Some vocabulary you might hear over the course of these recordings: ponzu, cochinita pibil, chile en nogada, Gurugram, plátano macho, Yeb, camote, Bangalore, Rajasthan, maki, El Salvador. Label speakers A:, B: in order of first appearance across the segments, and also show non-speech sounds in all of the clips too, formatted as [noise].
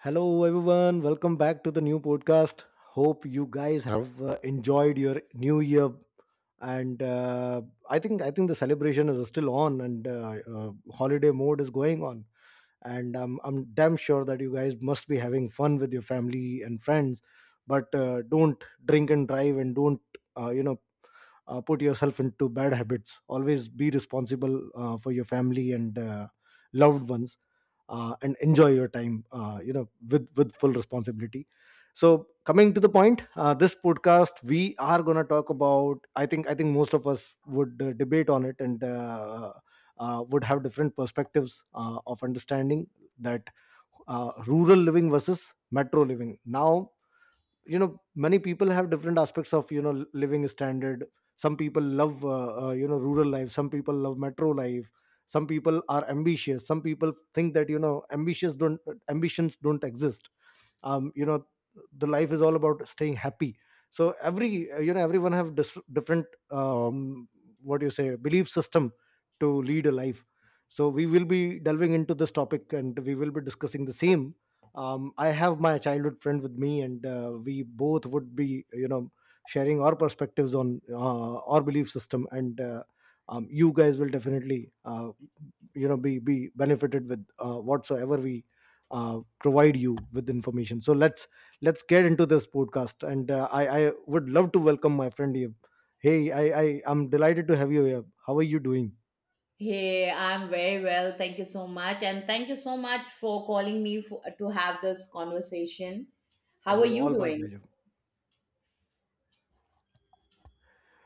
A: Hello, everyone. Welcome back to the new podcast. Hope you guys have enjoyed your new year, and I think the celebration is still on, and holiday mode is going on. And I'm damn sure that you guys must be having fun with your family and friends. But don't drink and drive, and don't uh, you know put yourself into bad habits, always be responsible for your family and loved ones, and enjoy your time, with full responsibility. So coming to the point, this podcast we are going to talk about, I think most of us would debate on it, and would have different perspectives of understanding that, rural living versus metro living. Now you know, many people have different aspects of, you know, living standard. Some people love, rural life, some people love metro life. Some people are ambitious, some people think that, you know, ambitious don't ambitions don't exist. You know, the life is all about staying happy. So every, everyone have different, what do you say, belief system to lead a life. So we will be delving into this topic and we will be discussing the same. I have my childhood friend with me, and we both would be, you know, sharing our perspectives on our belief system, and you guys will definitely, be benefited with whatsoever we provide you with information. So let's, get into this podcast, and I would love to welcome my friend Yeb. Hey, I'm delighted to have you here. How are you doing?
B: Hey, I'm very well. Thank you so much. And thank you so much for calling me to have this conversation.
A: It
B: How are
A: is
B: you
A: all my
B: doing?
A: pleasure.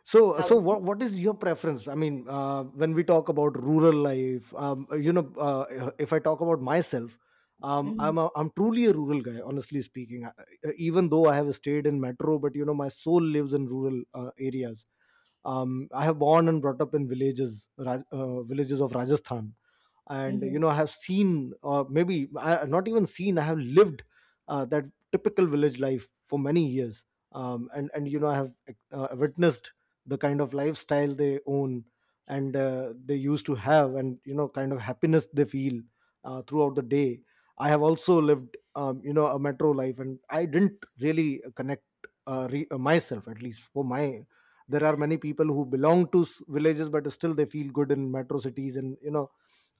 A: So,
B: How.
A: what is your preference? I mean, when we talk about rural life, you know, if I talk about myself,
B: Mhm,
A: I'm truly a rural guy, honestly speaking. I, even though I have stayed in metro, but you know, my soul lives in rural areas. I have born and brought up in villages, villages of Rajasthan, and you
B: mhm.
A: know, I have seen, or maybe I, not even seen, I have lived that typical village life for many years. And you know, I have witnessed the kind of lifestyle they own and they used to have, and you know, kind of happiness they feel throughout the day. I have also lived, a metro life, and I didn't really connect myself, at least for my. There are many people who belong to villages, but still they feel good in metro cities, and you know,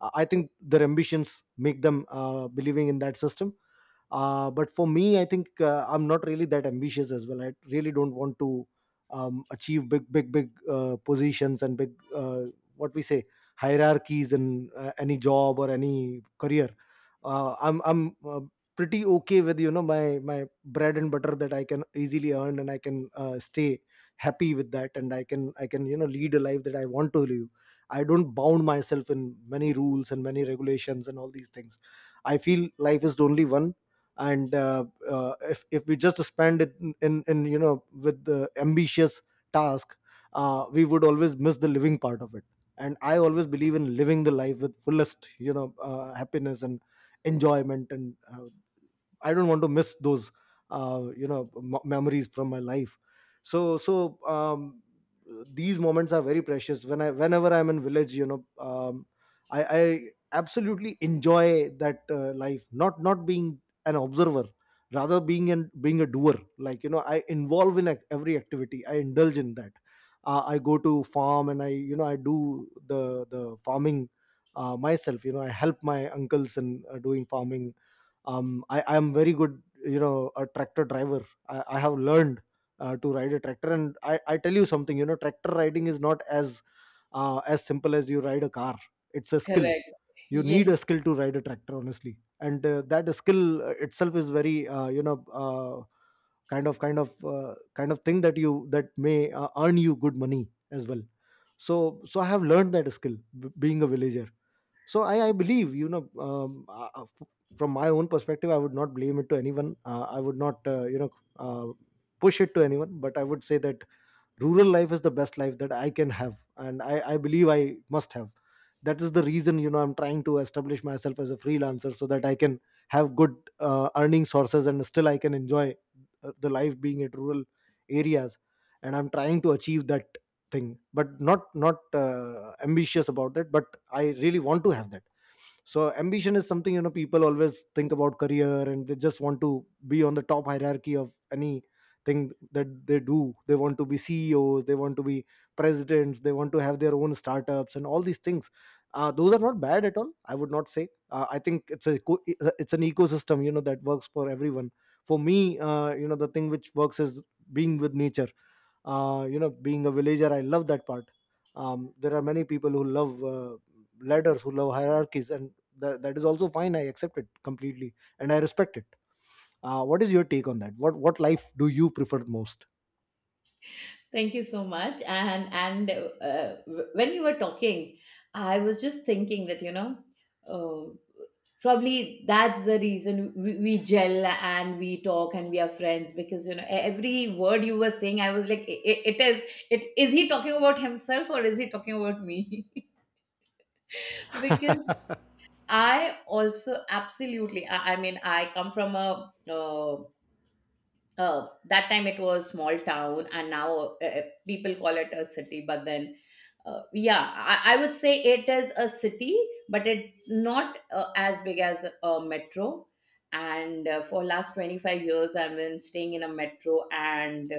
A: I think their ambitions make them believing in that system. But for me, I think, I'm not really that ambitious as well. I really don't want to, achieve big big big positions and big, what we say, hierarchies in any job or any career. I'm pretty okay with, you know, my bread and butter that I can easily earn, and I can stay happy with that, and I can, you know, lead a life that I want to live. I don't bound myself in many rules and many regulations and all these things. I feel life is only one, and if we just spend it in, you know, with the ambitious task, we would always miss the living part of it. And I always believe in living the life with fullest, you know, happiness and enjoyment, and I don't want to miss those memories from my life. So so, these moments are very precious. Whenever I'm in village, you know, I absolutely enjoy that life. Not being an observer, rather being a doer. Like you know, I involve in every activity. I indulge in that. I go to farm and I, you know, I do the farming myself. You know, I help my uncles in doing farming. I am very good, you know, a tractor driver. I have learned to ride a tractor, and I tell you something, you know, tractor riding is not as as simple as you ride a car. It's a skill.
B: Correct.
A: You need
B: Yes.
A: a skill to ride a tractor, honestly, and that skill itself is very, kind of kind of thing that you that may earn you good money as well. So so, I have learned that skill being a villager. So I believe, you know, from my own perspective, I would not blame it to anyone. I would not, uh, push it to anyone, but I would say that rural life is the best life that I can have, and I believe I must have. That is the reason, you know, I'm trying to establish myself as a freelancer so that I can have good earning sources, and still I can enjoy the life being at rural areas. And I'm trying to achieve that thing, but not ambitious about that, but I really want to have that. So ambition is something, you know, people always think about career, and they just want to be on the top hierarchy of any thing that they do. They want to be CEOs, they want to be presidents, they want to have their own startups and all these things. Those are not bad at all, I would not say. I think it's a it's an ecosystem, you know, that works for everyone. For me, you know, the thing which works is being with nature. You know, being a villager, I love that part. There are many people who love ladders, who love hierarchies, and that is also fine. I accept it completely, and I respect it. What is your take on that? What life do you prefer most?
B: Thank you so much. And when you were talking, I was just thinking that, you know, uh, probably that's the reason we gel and we talk and we are friends because, you know, every word you were saying, I was like, it is he talking about himself or is he talking about me? [laughs] Because
A: [laughs]
B: I also absolutely, I mean, I come from a, that time it was small town and now people call it a city, but then, yeah, I would say it is a city, but it's not as big as a metro. And for last 25 years, I've been staying in a metro, and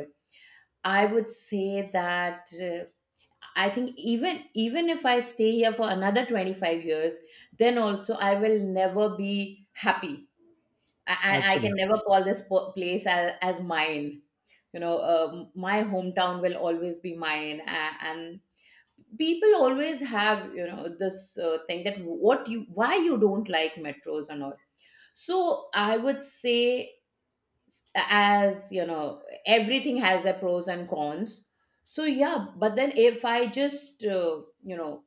B: I would say that I think even if I stay here for another 25 years, then also I will never be happy. I, I can
A: Absolutely.
B: never call this place as mine. You know, my hometown will always be mine. And people always have, you know, this thing that what you, why you don't like metros and all. So I would say, as you know, everything has their pros and cons. So yeah, but then if I just, you know,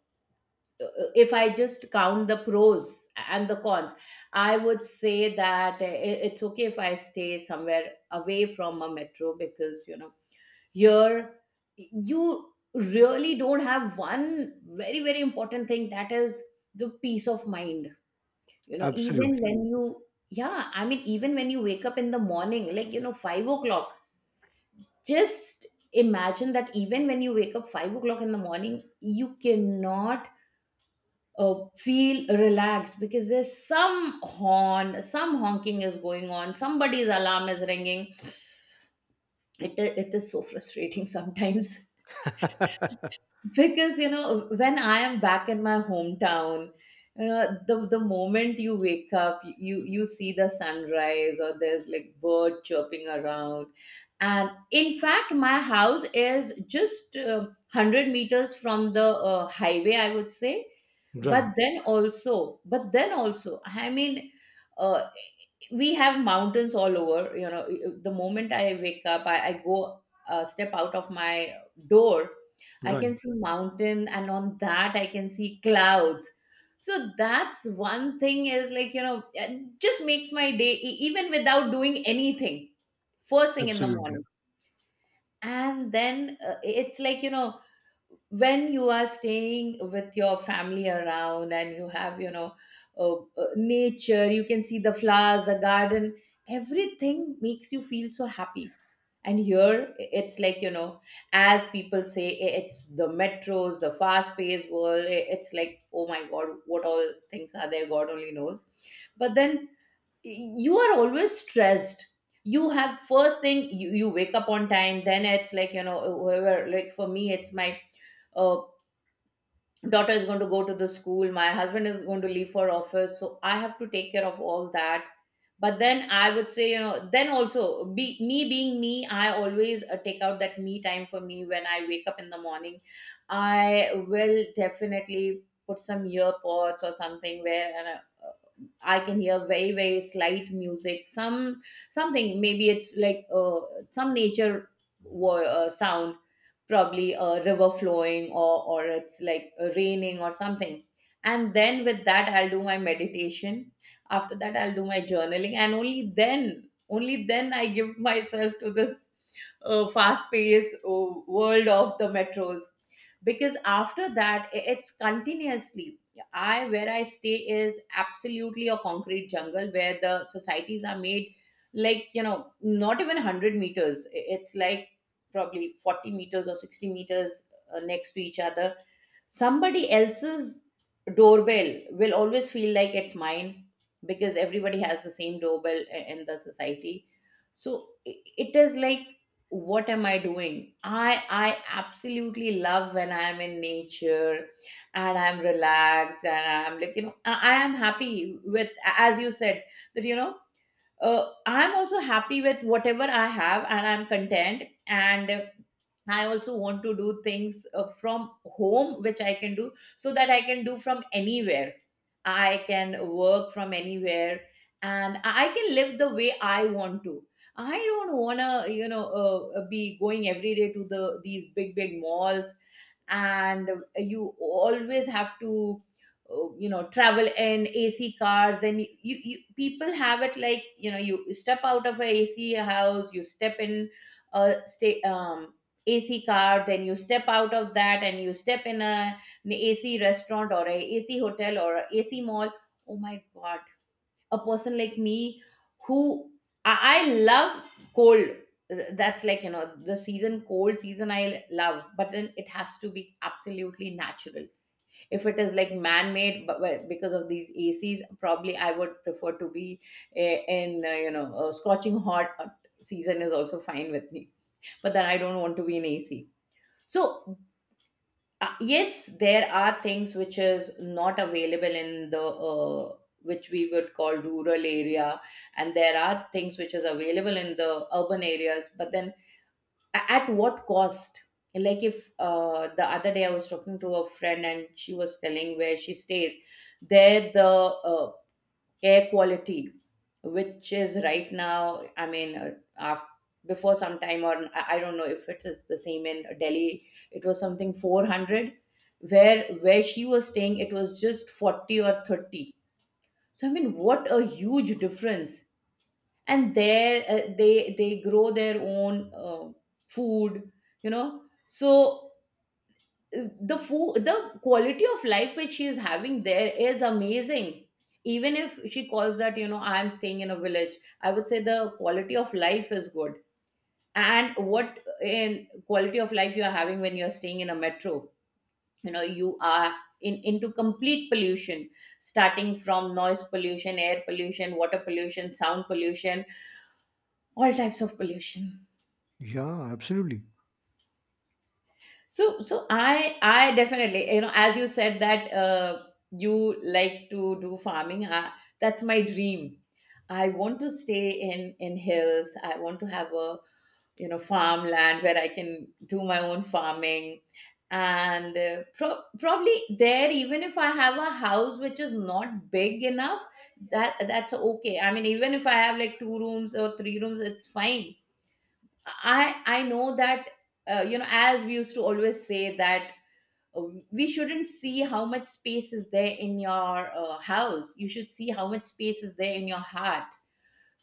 B: if I just count the pros and the cons, I would say that it's okay if I stay somewhere away from a metro because, you know, here you really don't have one very, very important thing, that is the peace of mind. You know, even
A: Absolutely.
B: when you, yeah, I mean, even when you wake up in the morning, like, you know, 5 o'clock, just imagine that even when you wake up 5 o'clock in the morning, you cannot feel relaxed because there's some horn, some honking is going on, somebody's alarm is ringing. It it is so frustrating sometimes [laughs] because you know when I am back in my hometown, you know the moment you wake up, you see the sunrise, or there's like bird chirping around. And in fact, my house is just 100 meters from the highway, I would say. But
A: Right.
B: then also, I mean, uh, we have mountains all over. You know, the moment I wake up, I go step out of my door, I can
A: Right.
B: see mountain, and on that I can see clouds. So that's one thing, is like, you know, it just makes my day, even without doing anything, first thing in the
A: Absolutely.
B: morning. And then it's like, you know, when you are staying with your family around and you have, you know, nature, you can see the flowers, the garden, everything makes you feel so happy. And here it's like, you know, as people say, it's the metros, the fast paced world. It's like, oh my god, what all things are there, god only knows. But then you are always stressed. You have, first thing you, wake up on time, then it's like, you know, whoever, like for me, it's my uh daughter is going to go to the school, my husband is going to leave for office, so I have to take care of all that. But then I would say, you know, then also, be me, being me, I always take out that me time for me. When I wake up in the morning, I will definitely put some earpods or something, where I can hear very very slight music, some something, maybe it's like some nature, sound, probably a river flowing, or it's like raining or something. And then with that, I'll do my meditation. After that I'll do my journaling, and only then, only then, I give myself to this fast paced world of the metros. Because after that it's continuously, I, where I stay is absolutely a concrete jungle where the societies are made. Like, you know, not even 100 meters, it's like probably 40 meters or 60 meters, next to each other. Somebody else's doorbell will always feel like it's mine, because everybody has the same doorbell in the society. So it is like, what am I doing? I I absolutely love when I am in nature, and I'm relaxed, and I'm like, you know, I am happy with, as you said, that, you know, I'm also happy with whatever I have, and I'm content. And I also want to do things from home, which I can do, so that I can do from anywhere. I can work from anywhere, and I can live the way I want to. I don't want to, you know, be going every day to the these big, big malls, and you always have to you know travel in ac cars. Then you, you people have it, like, you know, you step out of a ac house, you step in a stay ac car, then you step out of that and you step in an ac restaurant, or a ac hotel, or a ac mall. Oh my god, a person like me, who, I love cold. That's like, you know, the season, cold season, I love, but then it has to be absolutely natural. If it is like man-made, but because of these acs, probably I would prefer to be in you know a scorching hot season is also fine with me, but then I don't want to be in ac. So yes, there are things which is not available in the which we would call rural area, and there are things which is available in the urban areas, but then at what cost? Like, if the other day I was talking to a friend and she was telling where she stays, there the uh, air quality, which is right now, I mean, af before some time, or I don't know if it is the same in Delhi, it was something 400. Where she was staying, it was just 40 or 30. So I mean, what a huge difference. And there they grow their own food, you know. So the food, the quality of life which she is having there is amazing. Even if she calls that, you know, I am staying in a village, I would say the quality of life is good. And what, in quality of life, you are having when you are staying in a metro? You know, you are in into complete pollution, starting from noise pollution, air pollution, water pollution, sound pollution, all types of pollution.
A: Yeah, absolutely.
B: So, so I definitely, you know, as you said that you like to do farming, that's my dream. I want to stay in hills. I want to have a, you know, farmland where I can do my own farming, and probably there, even if I have a house which is not big enough, that's okay. I mean, even if I have like two rooms or three rooms, it's fine. I know that you know, as we used to always say that uh, we shouldn't see how much space is there in your house, you should see how much space is there in your heart.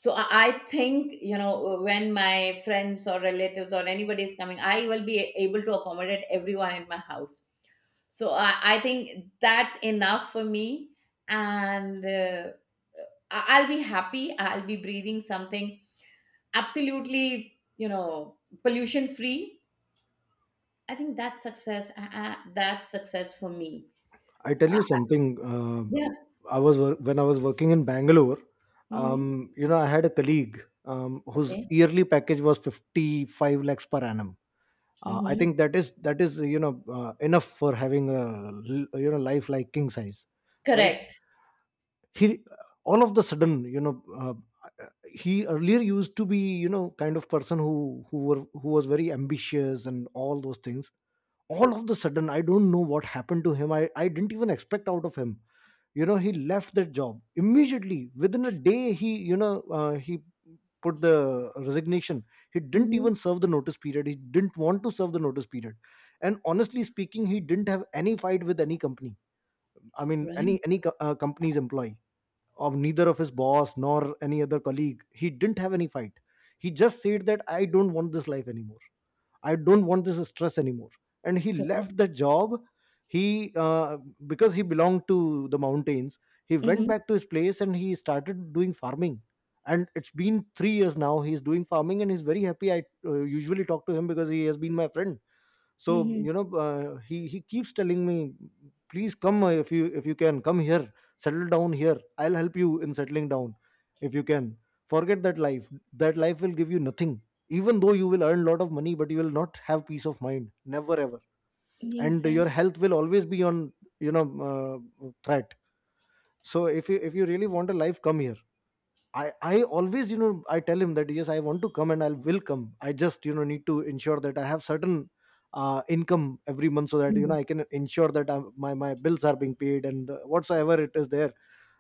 B: So I think, you know, when my friends or relatives or anybody is coming, I will be able to accommodate everyone in my house. So I think that's enough for me. And I'll be happy, I'll be breathing something absolutely, you know, pollution free. I think that's success, that's success for me.
A: I tell you something. Uh,
B: Yeah.
A: when I was working in Bangalore,
B: Mhm.
A: You know, I had a colleague whose
B: Okay.
A: yearly package was 55 lakhs per annum. I
B: Mhm.
A: think that is, you know, enough for having a, you know, life like king size, right?
B: Correct.
A: He, all of the sudden, you know, uh, he earlier used to be, you know, kind of person who was very ambitious and all those things. All of the sudden, I don't know what happened to him. I didn't even expect out of him. You know, he left that job immediately. Within a day, he, you know, he put the resignation. He didn't even
B: Mhm.
A: serve the notice period. He didn't want to serve the notice period. And honestly speaking, he didn't have any fight with any company. I mean, any
B: Right.
A: any co- uh, company's employee, of neither of his boss nor any other colleague. He didn't have any fight. He just said that I don't want this life anymore. I don't want this stress anymore. And he left
B: Correct.
A: the job. He because he belonged to the mountains. He went
B: Mhm.
A: back to his place and he started doing farming. And it's been 3 years now. He's doing farming and he's very happy. I usually talk to him because he has been my friend. So
B: Mhm.
A: you know, he keeps telling me, please come. If you, can come here, settle down here, I'll help you in settling down. If you can forget that life, that life will give you nothing. Even though you will earn lot of money, but you will not have peace of mind, never ever. And your
B: Exactly.
A: health will always be on, you know, threat. So if you, really want a life, come here. I always, you know, I tell him that yes, I want to come and I will come. I just, you know, need to ensure that I have certain income every month, so that you know,
B: Mhm.
A: I can ensure that my bills are being paid, and whatsoever it is there,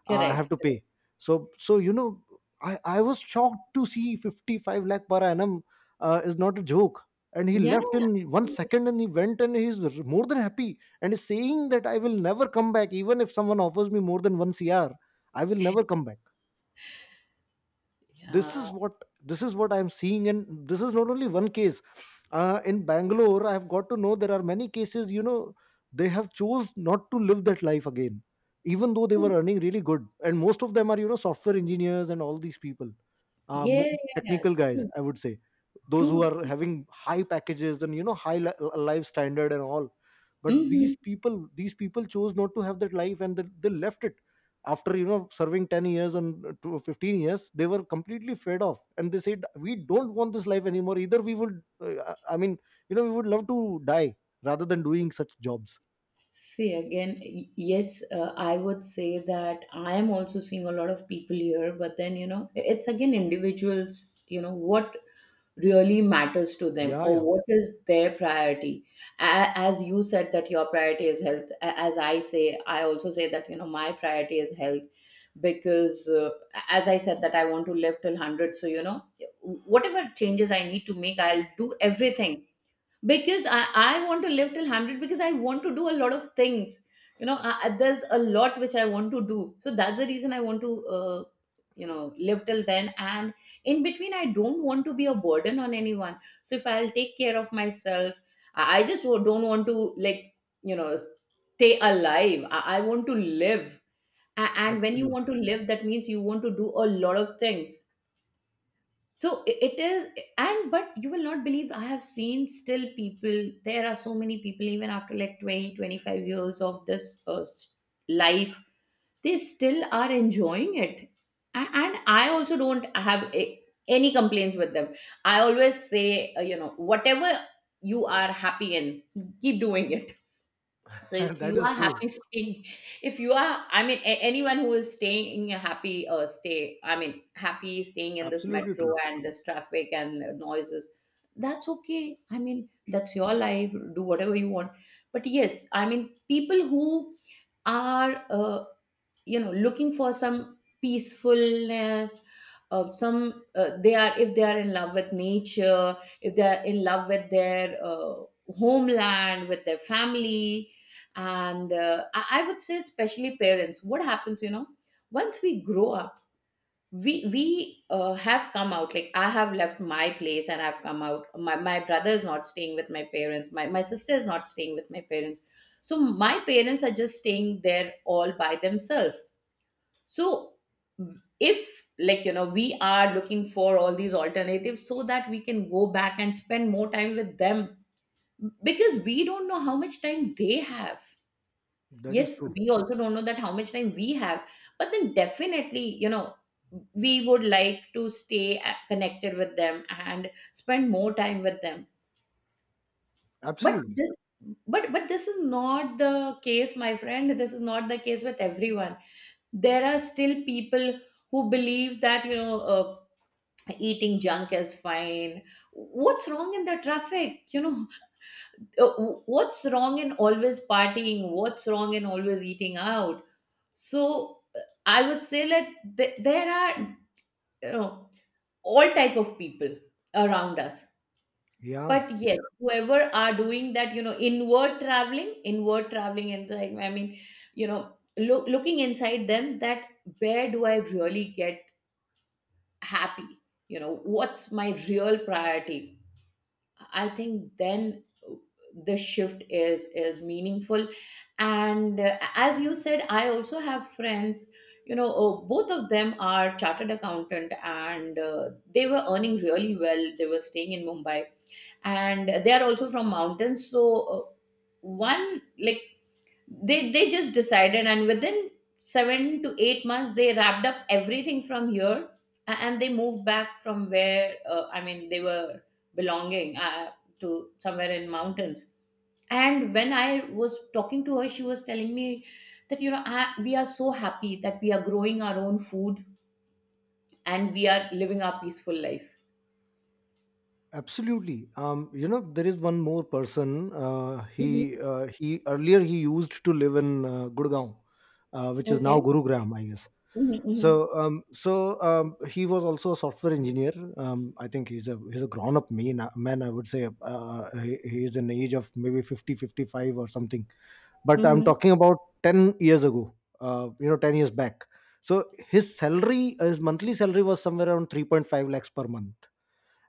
A: I have
B: Correct.
A: to pay. So so, you know, I was shocked to see 55 lakh per annum is not a joke. And he
B: Yeah.
A: left in one second and he went and more than happy and is saying that I will never come back even if someone offers me more than one CR. I will never come back. this
B: Yeah.
A: is what this is what I'm seeing, and this is not only one case. In Bangalore I have got to know there are many cases, you know. They have chose not to live that life again, even though they were earning really good, and most of them are, you know, software engineers and all these people. uh, mo-
B: Yes. Yeah, yeah.
A: Technical guys,
B: True.
A: I would say, those who
B: True.
A: are having high packages and, you know, life standard and all. But these
B: Mhm.
A: people these people chose not to have that life, and they left it after, you know, serving 10 years and to 15 years. They were completely fed off, and they said we don't want this life anymore. Either we would , I mean, you know, we would love to die rather than doing such jobs.
B: See, again, yes, I would say that I am also seeing a lot of people here, but then you know, it's again individuals. You know what really matters to them,
A: Yeah,
B: or
A: yeah,
B: what is their priority. As you said that your priority is health, as I say, I also say that, you know, my priority is health, because as I said that I want to live till 100, so you know, whatever changes I need to make, I'll do everything. Because I want to live till 100, because I want to do a lot of things. You know, there's a lot which I want to do. So that's the reason I want to, you know, live till then. And in between, I don't want to be a burden on anyone. So if I'll take care of myself, I just don't want to, you know, stay alive. I want to live. And when you want to
A: absolutely.
B: live, that means you want to do a lot of things. So it is, and but you will not believe I have seen still people. There are so many people, even after like 20, 25 years of this life, they still are enjoying it. And I also don't have any complaints with them. I always say, whatever you are happy in, keep doing it.
A: [laughs]
B: So if
A: That
B: you
A: is
B: are
A: true.
B: happy [laughs] staying, if you are, anyone who is staying in a happy stay, I mean, happy staying in this
A: Absolutely
B: metro
A: true.
B: and this traffic and noises, that's okay. I mean, that's your life. Do whatever you want. But yes, I mean, people who are looking for some peacefulness, some they are if they are in love with nature, if they are in love with their homeland, with their family. And I would say especially parents, what happens, you know, once we grow up, we have come out. Like I have left my place and I've come out. My brother is not staying with my parents, my sister is not staying with my parents, so my parents are just staying there all by themselves. So, if like you know, we are looking for all these alternatives so that we can go back and spend more time with them, because we don't know how much time they have.
A: That is
B: Yes,
A: true.
B: we also don't know that how much time we have, but then definitely, you know, we would like to stay connected with them and spend more time with them. But
A: Absolutely.
B: this, but this is not the case, my friend. This is not the case with everyone. There are still people who believe that, eating junk is fine. What's wrong in the traffic, you know? [laughs] Uh, what's wrong in always partying? What's wrong in always eating out? So I would say that there are, you know all type of people around us.
A: Yeah,
B: But yes, whoever are doing that, you know, inward traveling, inward traveling inside, I mean, you know, looking inside them that where do I really get happy, you know, what's my real priority. I think then the shift is meaningful. And as you said, I also have friends. Both of them are chartered accountant and they were earning really well, they were staying in Mumbai, and they are also from mountains. So one like they just decided, and within 7 to 8 months they wrapped up everything from here, and they moved back from where, I mean, they were belonging to somewhere in mountains. And when I was talking to her, she was telling me that, we are so happy that we are growing our own food and we are living our peaceful life.
A: absolutely. You know, there is one more person. uh,
B: Mhm.
A: he he earlier he used to live in Gurgaon, which is now
B: Okay.
A: Gurugram, I guess.
B: Hmm.
A: So
B: Hmm.
A: he was also a software engineer. I think he's a grown up man, man I would say. He's an age of maybe 50, 55 or something, but I'm
B: Hmm.
A: talking about 10 years ago, you know, 10 years back. So his monthly salary was somewhere around 3.5 lakhs per month,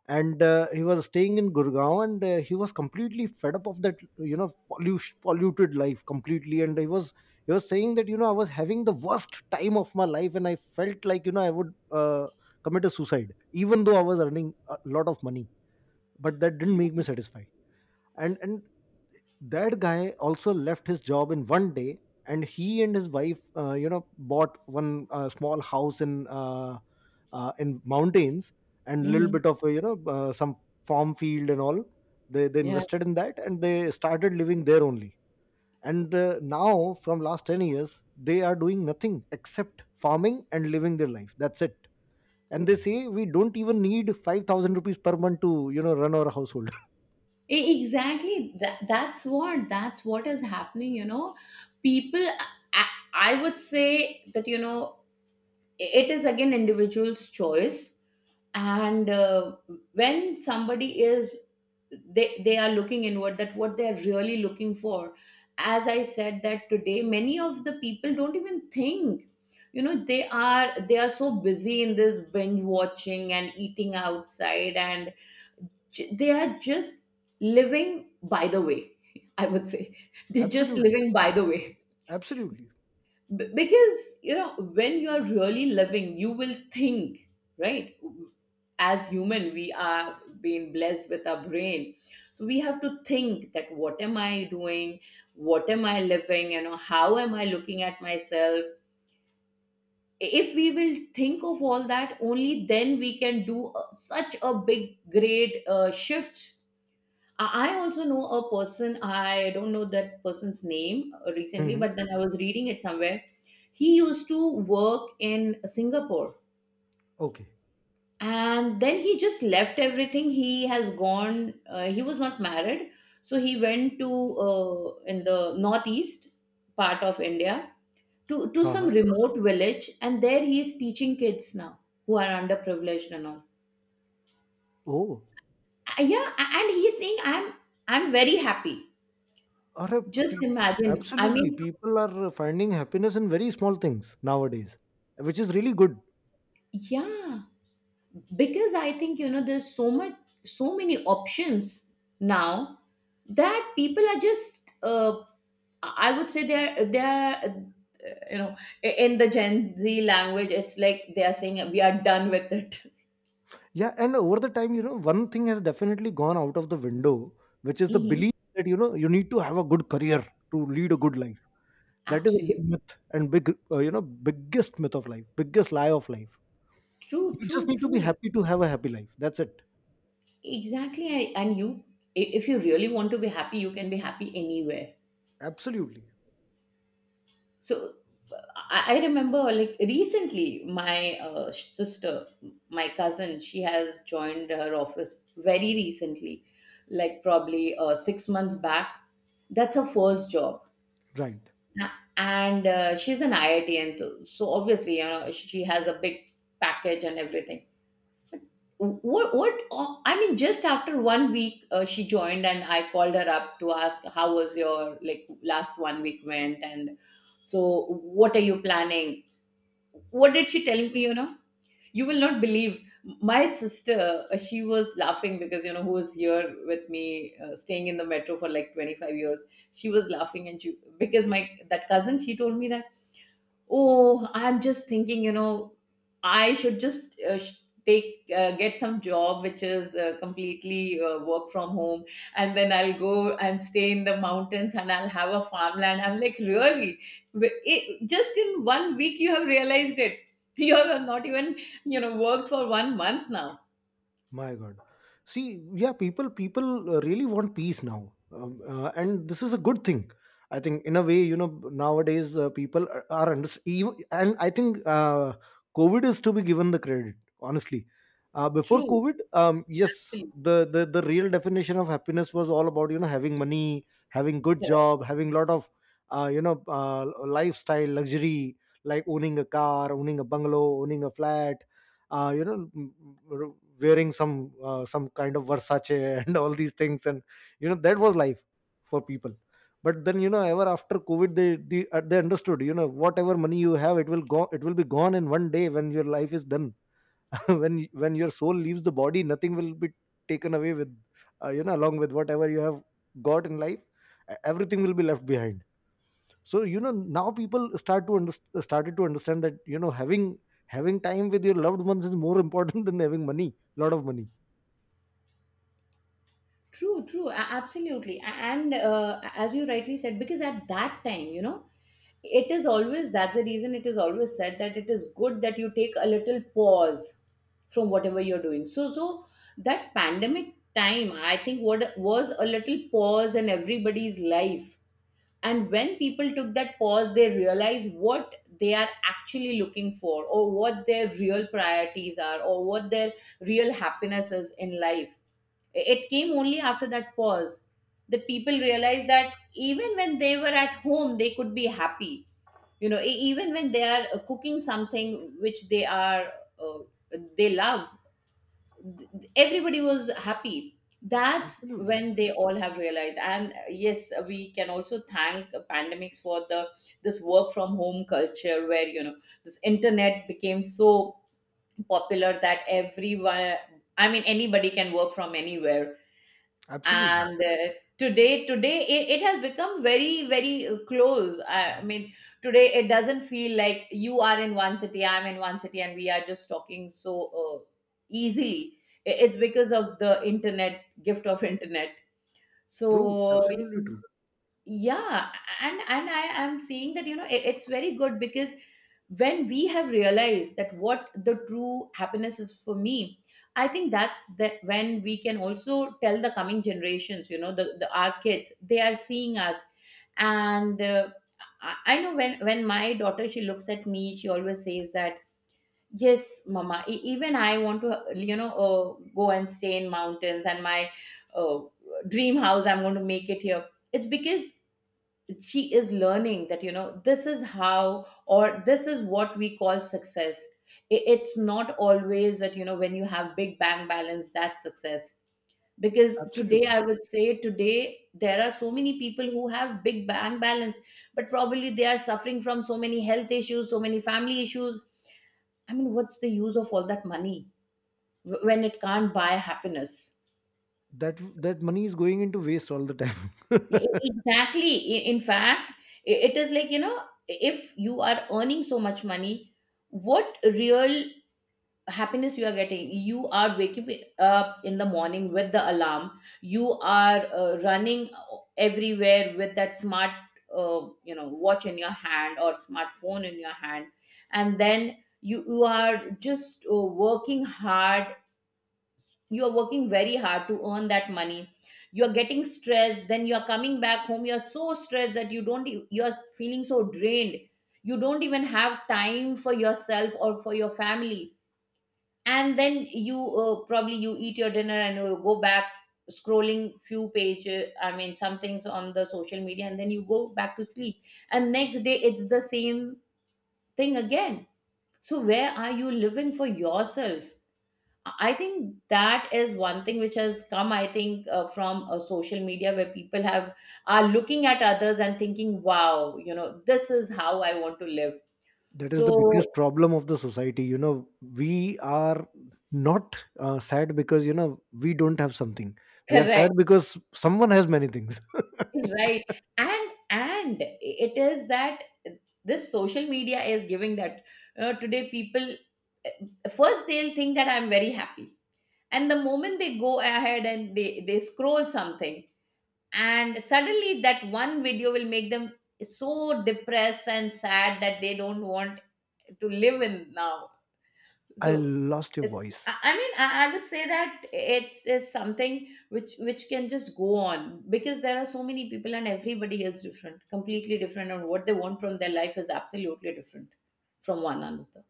A: and he was staying in Gurgaon, and he was completely fed up of that, you know, pollution, polluted life completely. And he was saying that, you know, I was having the worst time of my life, and I felt like, you know, I would commit a suicide even though I was earning a lot of money, but that didn't make me satisfied. And that guy also left his job in one day, and he and his wife you know, bought one small house in mountains, and a little
B: Hmm.
A: bit of you know, some farm field and all. They
B: Yeah.
A: invested in that, and they started living there only. And now from last 10 years they are doing nothing except farming and living their life, that's it. And they say we don't even need 5,000 rupees per month to, you know, run our household.
B: Exactly, that's what, that's what is happening, you know. People, I, I would say that, you know, it is again individual's choice. And when somebody is, they are looking inward that what they are really looking for. As I said that today many of the people don't even think, you know. They are so busy in this binge watching and eating outside, and they are just living by the way. [laughs] I would say [laughs]
A: [laughs]
B: they're just
A: Absolutely.
B: living by the way.
A: Absolutely.
B: Because you know when you are really living, you will think, right? As human, we are being blessed with our brain, so we have to think that what am I doing, what am I living, you know, how am I looking at myself. If we will think of all that, only then we can do such a big, great shift. I also know a person, I don't know that person's name recently,
A: Okay.
B: but then I was reading it somewhere. He used to work in Singapore,
A: Okay.
B: and then he just left everything. He has gone, he was not married, so he went to in the northeast part of India to some remote village, and there he is teaching kids now who are underprivileged and all.
A: Oh,
B: Yeah, and he's saying, I'm very happy.
A: are a
B: Just
A: pe-
B: imagine. I
A: absolutely.
B: mean,
A: People are finding happiness in very small things nowadays, which is really good.
B: yeah, because I think you know there's so much, so many options now that people are just I would say they're you know I- in the Gen Z language, it's like they are saying we are done with it.
A: Yeah, and over the time, you know, one thing has definitely gone out of the window, which
B: [laughs]
A: is the
B: Hmm.
A: belief that, you know, you need to have a good career to lead a good life. That is a
B: Absolute.
A: big myth and big, you know, biggest myth of life, biggest lie of life.
B: True,
A: You just
B: true,
A: need to be
B: true.
A: happy to have a happy life. That's it.
B: Exactly. And you, if you really want to be happy, you can be happy anywhere.
A: Absolutely
B: So I remember like recently my sh- sister my cousin, she has joined her office very recently, like probably 6 months back, that's her first job.
A: right.
B: A- and she's an iitn too, so obviously you know she has a big package and everything. I mean just after 1 week she joined, and I called her up to ask how was your like last 1 week went, and so what are you planning. What did she tell me, you know, you will not believe. My sister, she was laughing because, you know, who was here with me staying in the metro for like 25 years, she was laughing. And she, because my that cousin, she told me that, oh, I'm just thinking, you know, I should just sh- take get some job which is completely work from home, and then I'll go and stay in the mountains and I'll have a farmland. I'm like, really? It, just in 1 week, you have realized it. [laughs] You have not even, you know, worked for 1 month now.
A: My God. See, yeah, people really want peace now, and this is a good thing. I think in a way, you know, nowadays people are under even, and I think COVID is to be given the credit. Honestly, before
B: True.
A: COVID, yes,
B: Absolutely.
A: the real definition of happiness was all about, you know, having money, having good
B: Correct.
A: job, having lot of you know, lifestyle luxury, like owning a car, owning a bungalow, owning a flat, you know, wearing some kind of Versace [laughs] and all these things. And, you know, that was life for people. But then, you know, ever after COVID they understood, you know, whatever money you have, it will go, it will be gone in one day when your life is done. [laughs] When when your soul leaves the body, nothing will be taken away with, you know, along with whatever you have got in life. Everything will be left behind. So, you know, now people started to understand that, you know, having time with your loved ones is more important [laughs] than having money, lot of money.
B: True, true, absolutely. And as you rightly said, because at that time, you know, it is always, that's the reason it is always said, that it is good that you take a little pause from whatever you're doing. So so that pandemic time, I think, what was a little pause in everybody's life. And when people took that pause, they realized what they are actually looking for, or what their real priorities are, or what their real happiness is in life. It came only after that pause that people realized that even when they were at home they could be happy, you know, e- even when they are cooking something which they are uh, they love. th- Everybody was happy. That's
A: Absolutely.
B: when they all have realized. And yes, we can also thank pandemics for the this work from home culture, where you know this internet became so popular that everyone, I mean, anybody can work from anywhere.
A: Absolutely.
B: And today it has become very very close. I mean today it doesn't feel like you are in one city, I'm in one city, and we are just talking so easily. It's because of the internet, gift of internet.
A: True.
B: So
A: Absolutely true.
B: yeah. And I am seeing that, you know, it's very good, because when we have realized that what the true happiness is for me, I think that's the when we can also tell the coming generations, you know, the our kids, they are seeing us. And I know when my daughter, she looks at me, she always says that yes mama, even I want to, you know, go and stay in mountains. And my uh, dream house, I'm going to make it here. It's because she is learning that, you know, this is how, or this is what we call success. It's not always that, you know, when you have big bang balance, that's success. Because today,
A: Absolutely.
B: I would say today, there are so many people who have big bang balance, but probably they are suffering from so many health issues, so many family issues. I mean, what's the use of all that money when it can't buy happiness?
A: That that money is going into waste all the time.
B: Exactly. In fact, it is like, you know, if you are earning so much money, what real happiness you are getting? You are waking up in the morning with the alarm. You are running everywhere with that smart, watch in your hand or smartphone in your hand. And then you are just working hard. You are working very hard to earn that money. You are getting stressed, then you are coming back home, you are so stressed that you don't you are feeling so drained. You don't even have time for yourself or for your family. And then you, probably you eat your dinner and you go back scrolling few pages, I mean some things on the social media, and then you go back to sleep. And next day it's the same thing again. So where are you living for yourself? I think that is one thing which has come, I think, from social media, where people have are looking at others and thinking, "Wow, you know, this is how I want to live."
A: [laughs] That is the biggest
B: So
A: problem of the society, you know. We are not sad because, you know, we don't have something. We are sad
B: correct.
A: because someone has many things. [laughs]
B: [laughs] Right? And it is that this social media is giving that, today people, first they'll think that I'm very happy, and the moment they go ahead and they scroll something, and suddenly that one video will make them so depressed and sad that they don't want to live in now. So
A: I lost your voice.
B: I would say that it's is something which can just go on, because there are so many people and everybody is different, completely different, and what they want from their life is absolutely different from one another.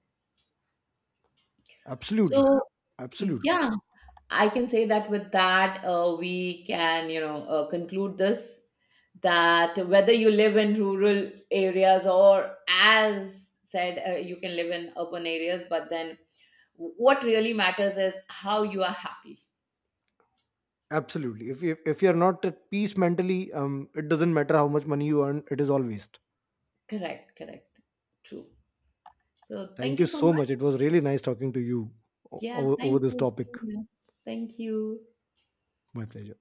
A: Absolutely.
B: So
A: Absolutely.
B: yeah. I can say that with that, we can, you know, conclude this, that whether you live in rural areas or, as said, you can live in urban areas, but then what really matters is how you are happy.
A: Absolutely. If, if you're not at peace mentally, it doesn't matter how much money you earn, it is all waste.
B: Correct, correct, true. So thank
A: Thank you
B: you so
A: so
B: much.
A: much. It was really nice talking to you
B: Yeah,
A: over
B: thank
A: this
B: you.
A: topic.
B: Same here. Thank you.
A: My pleasure.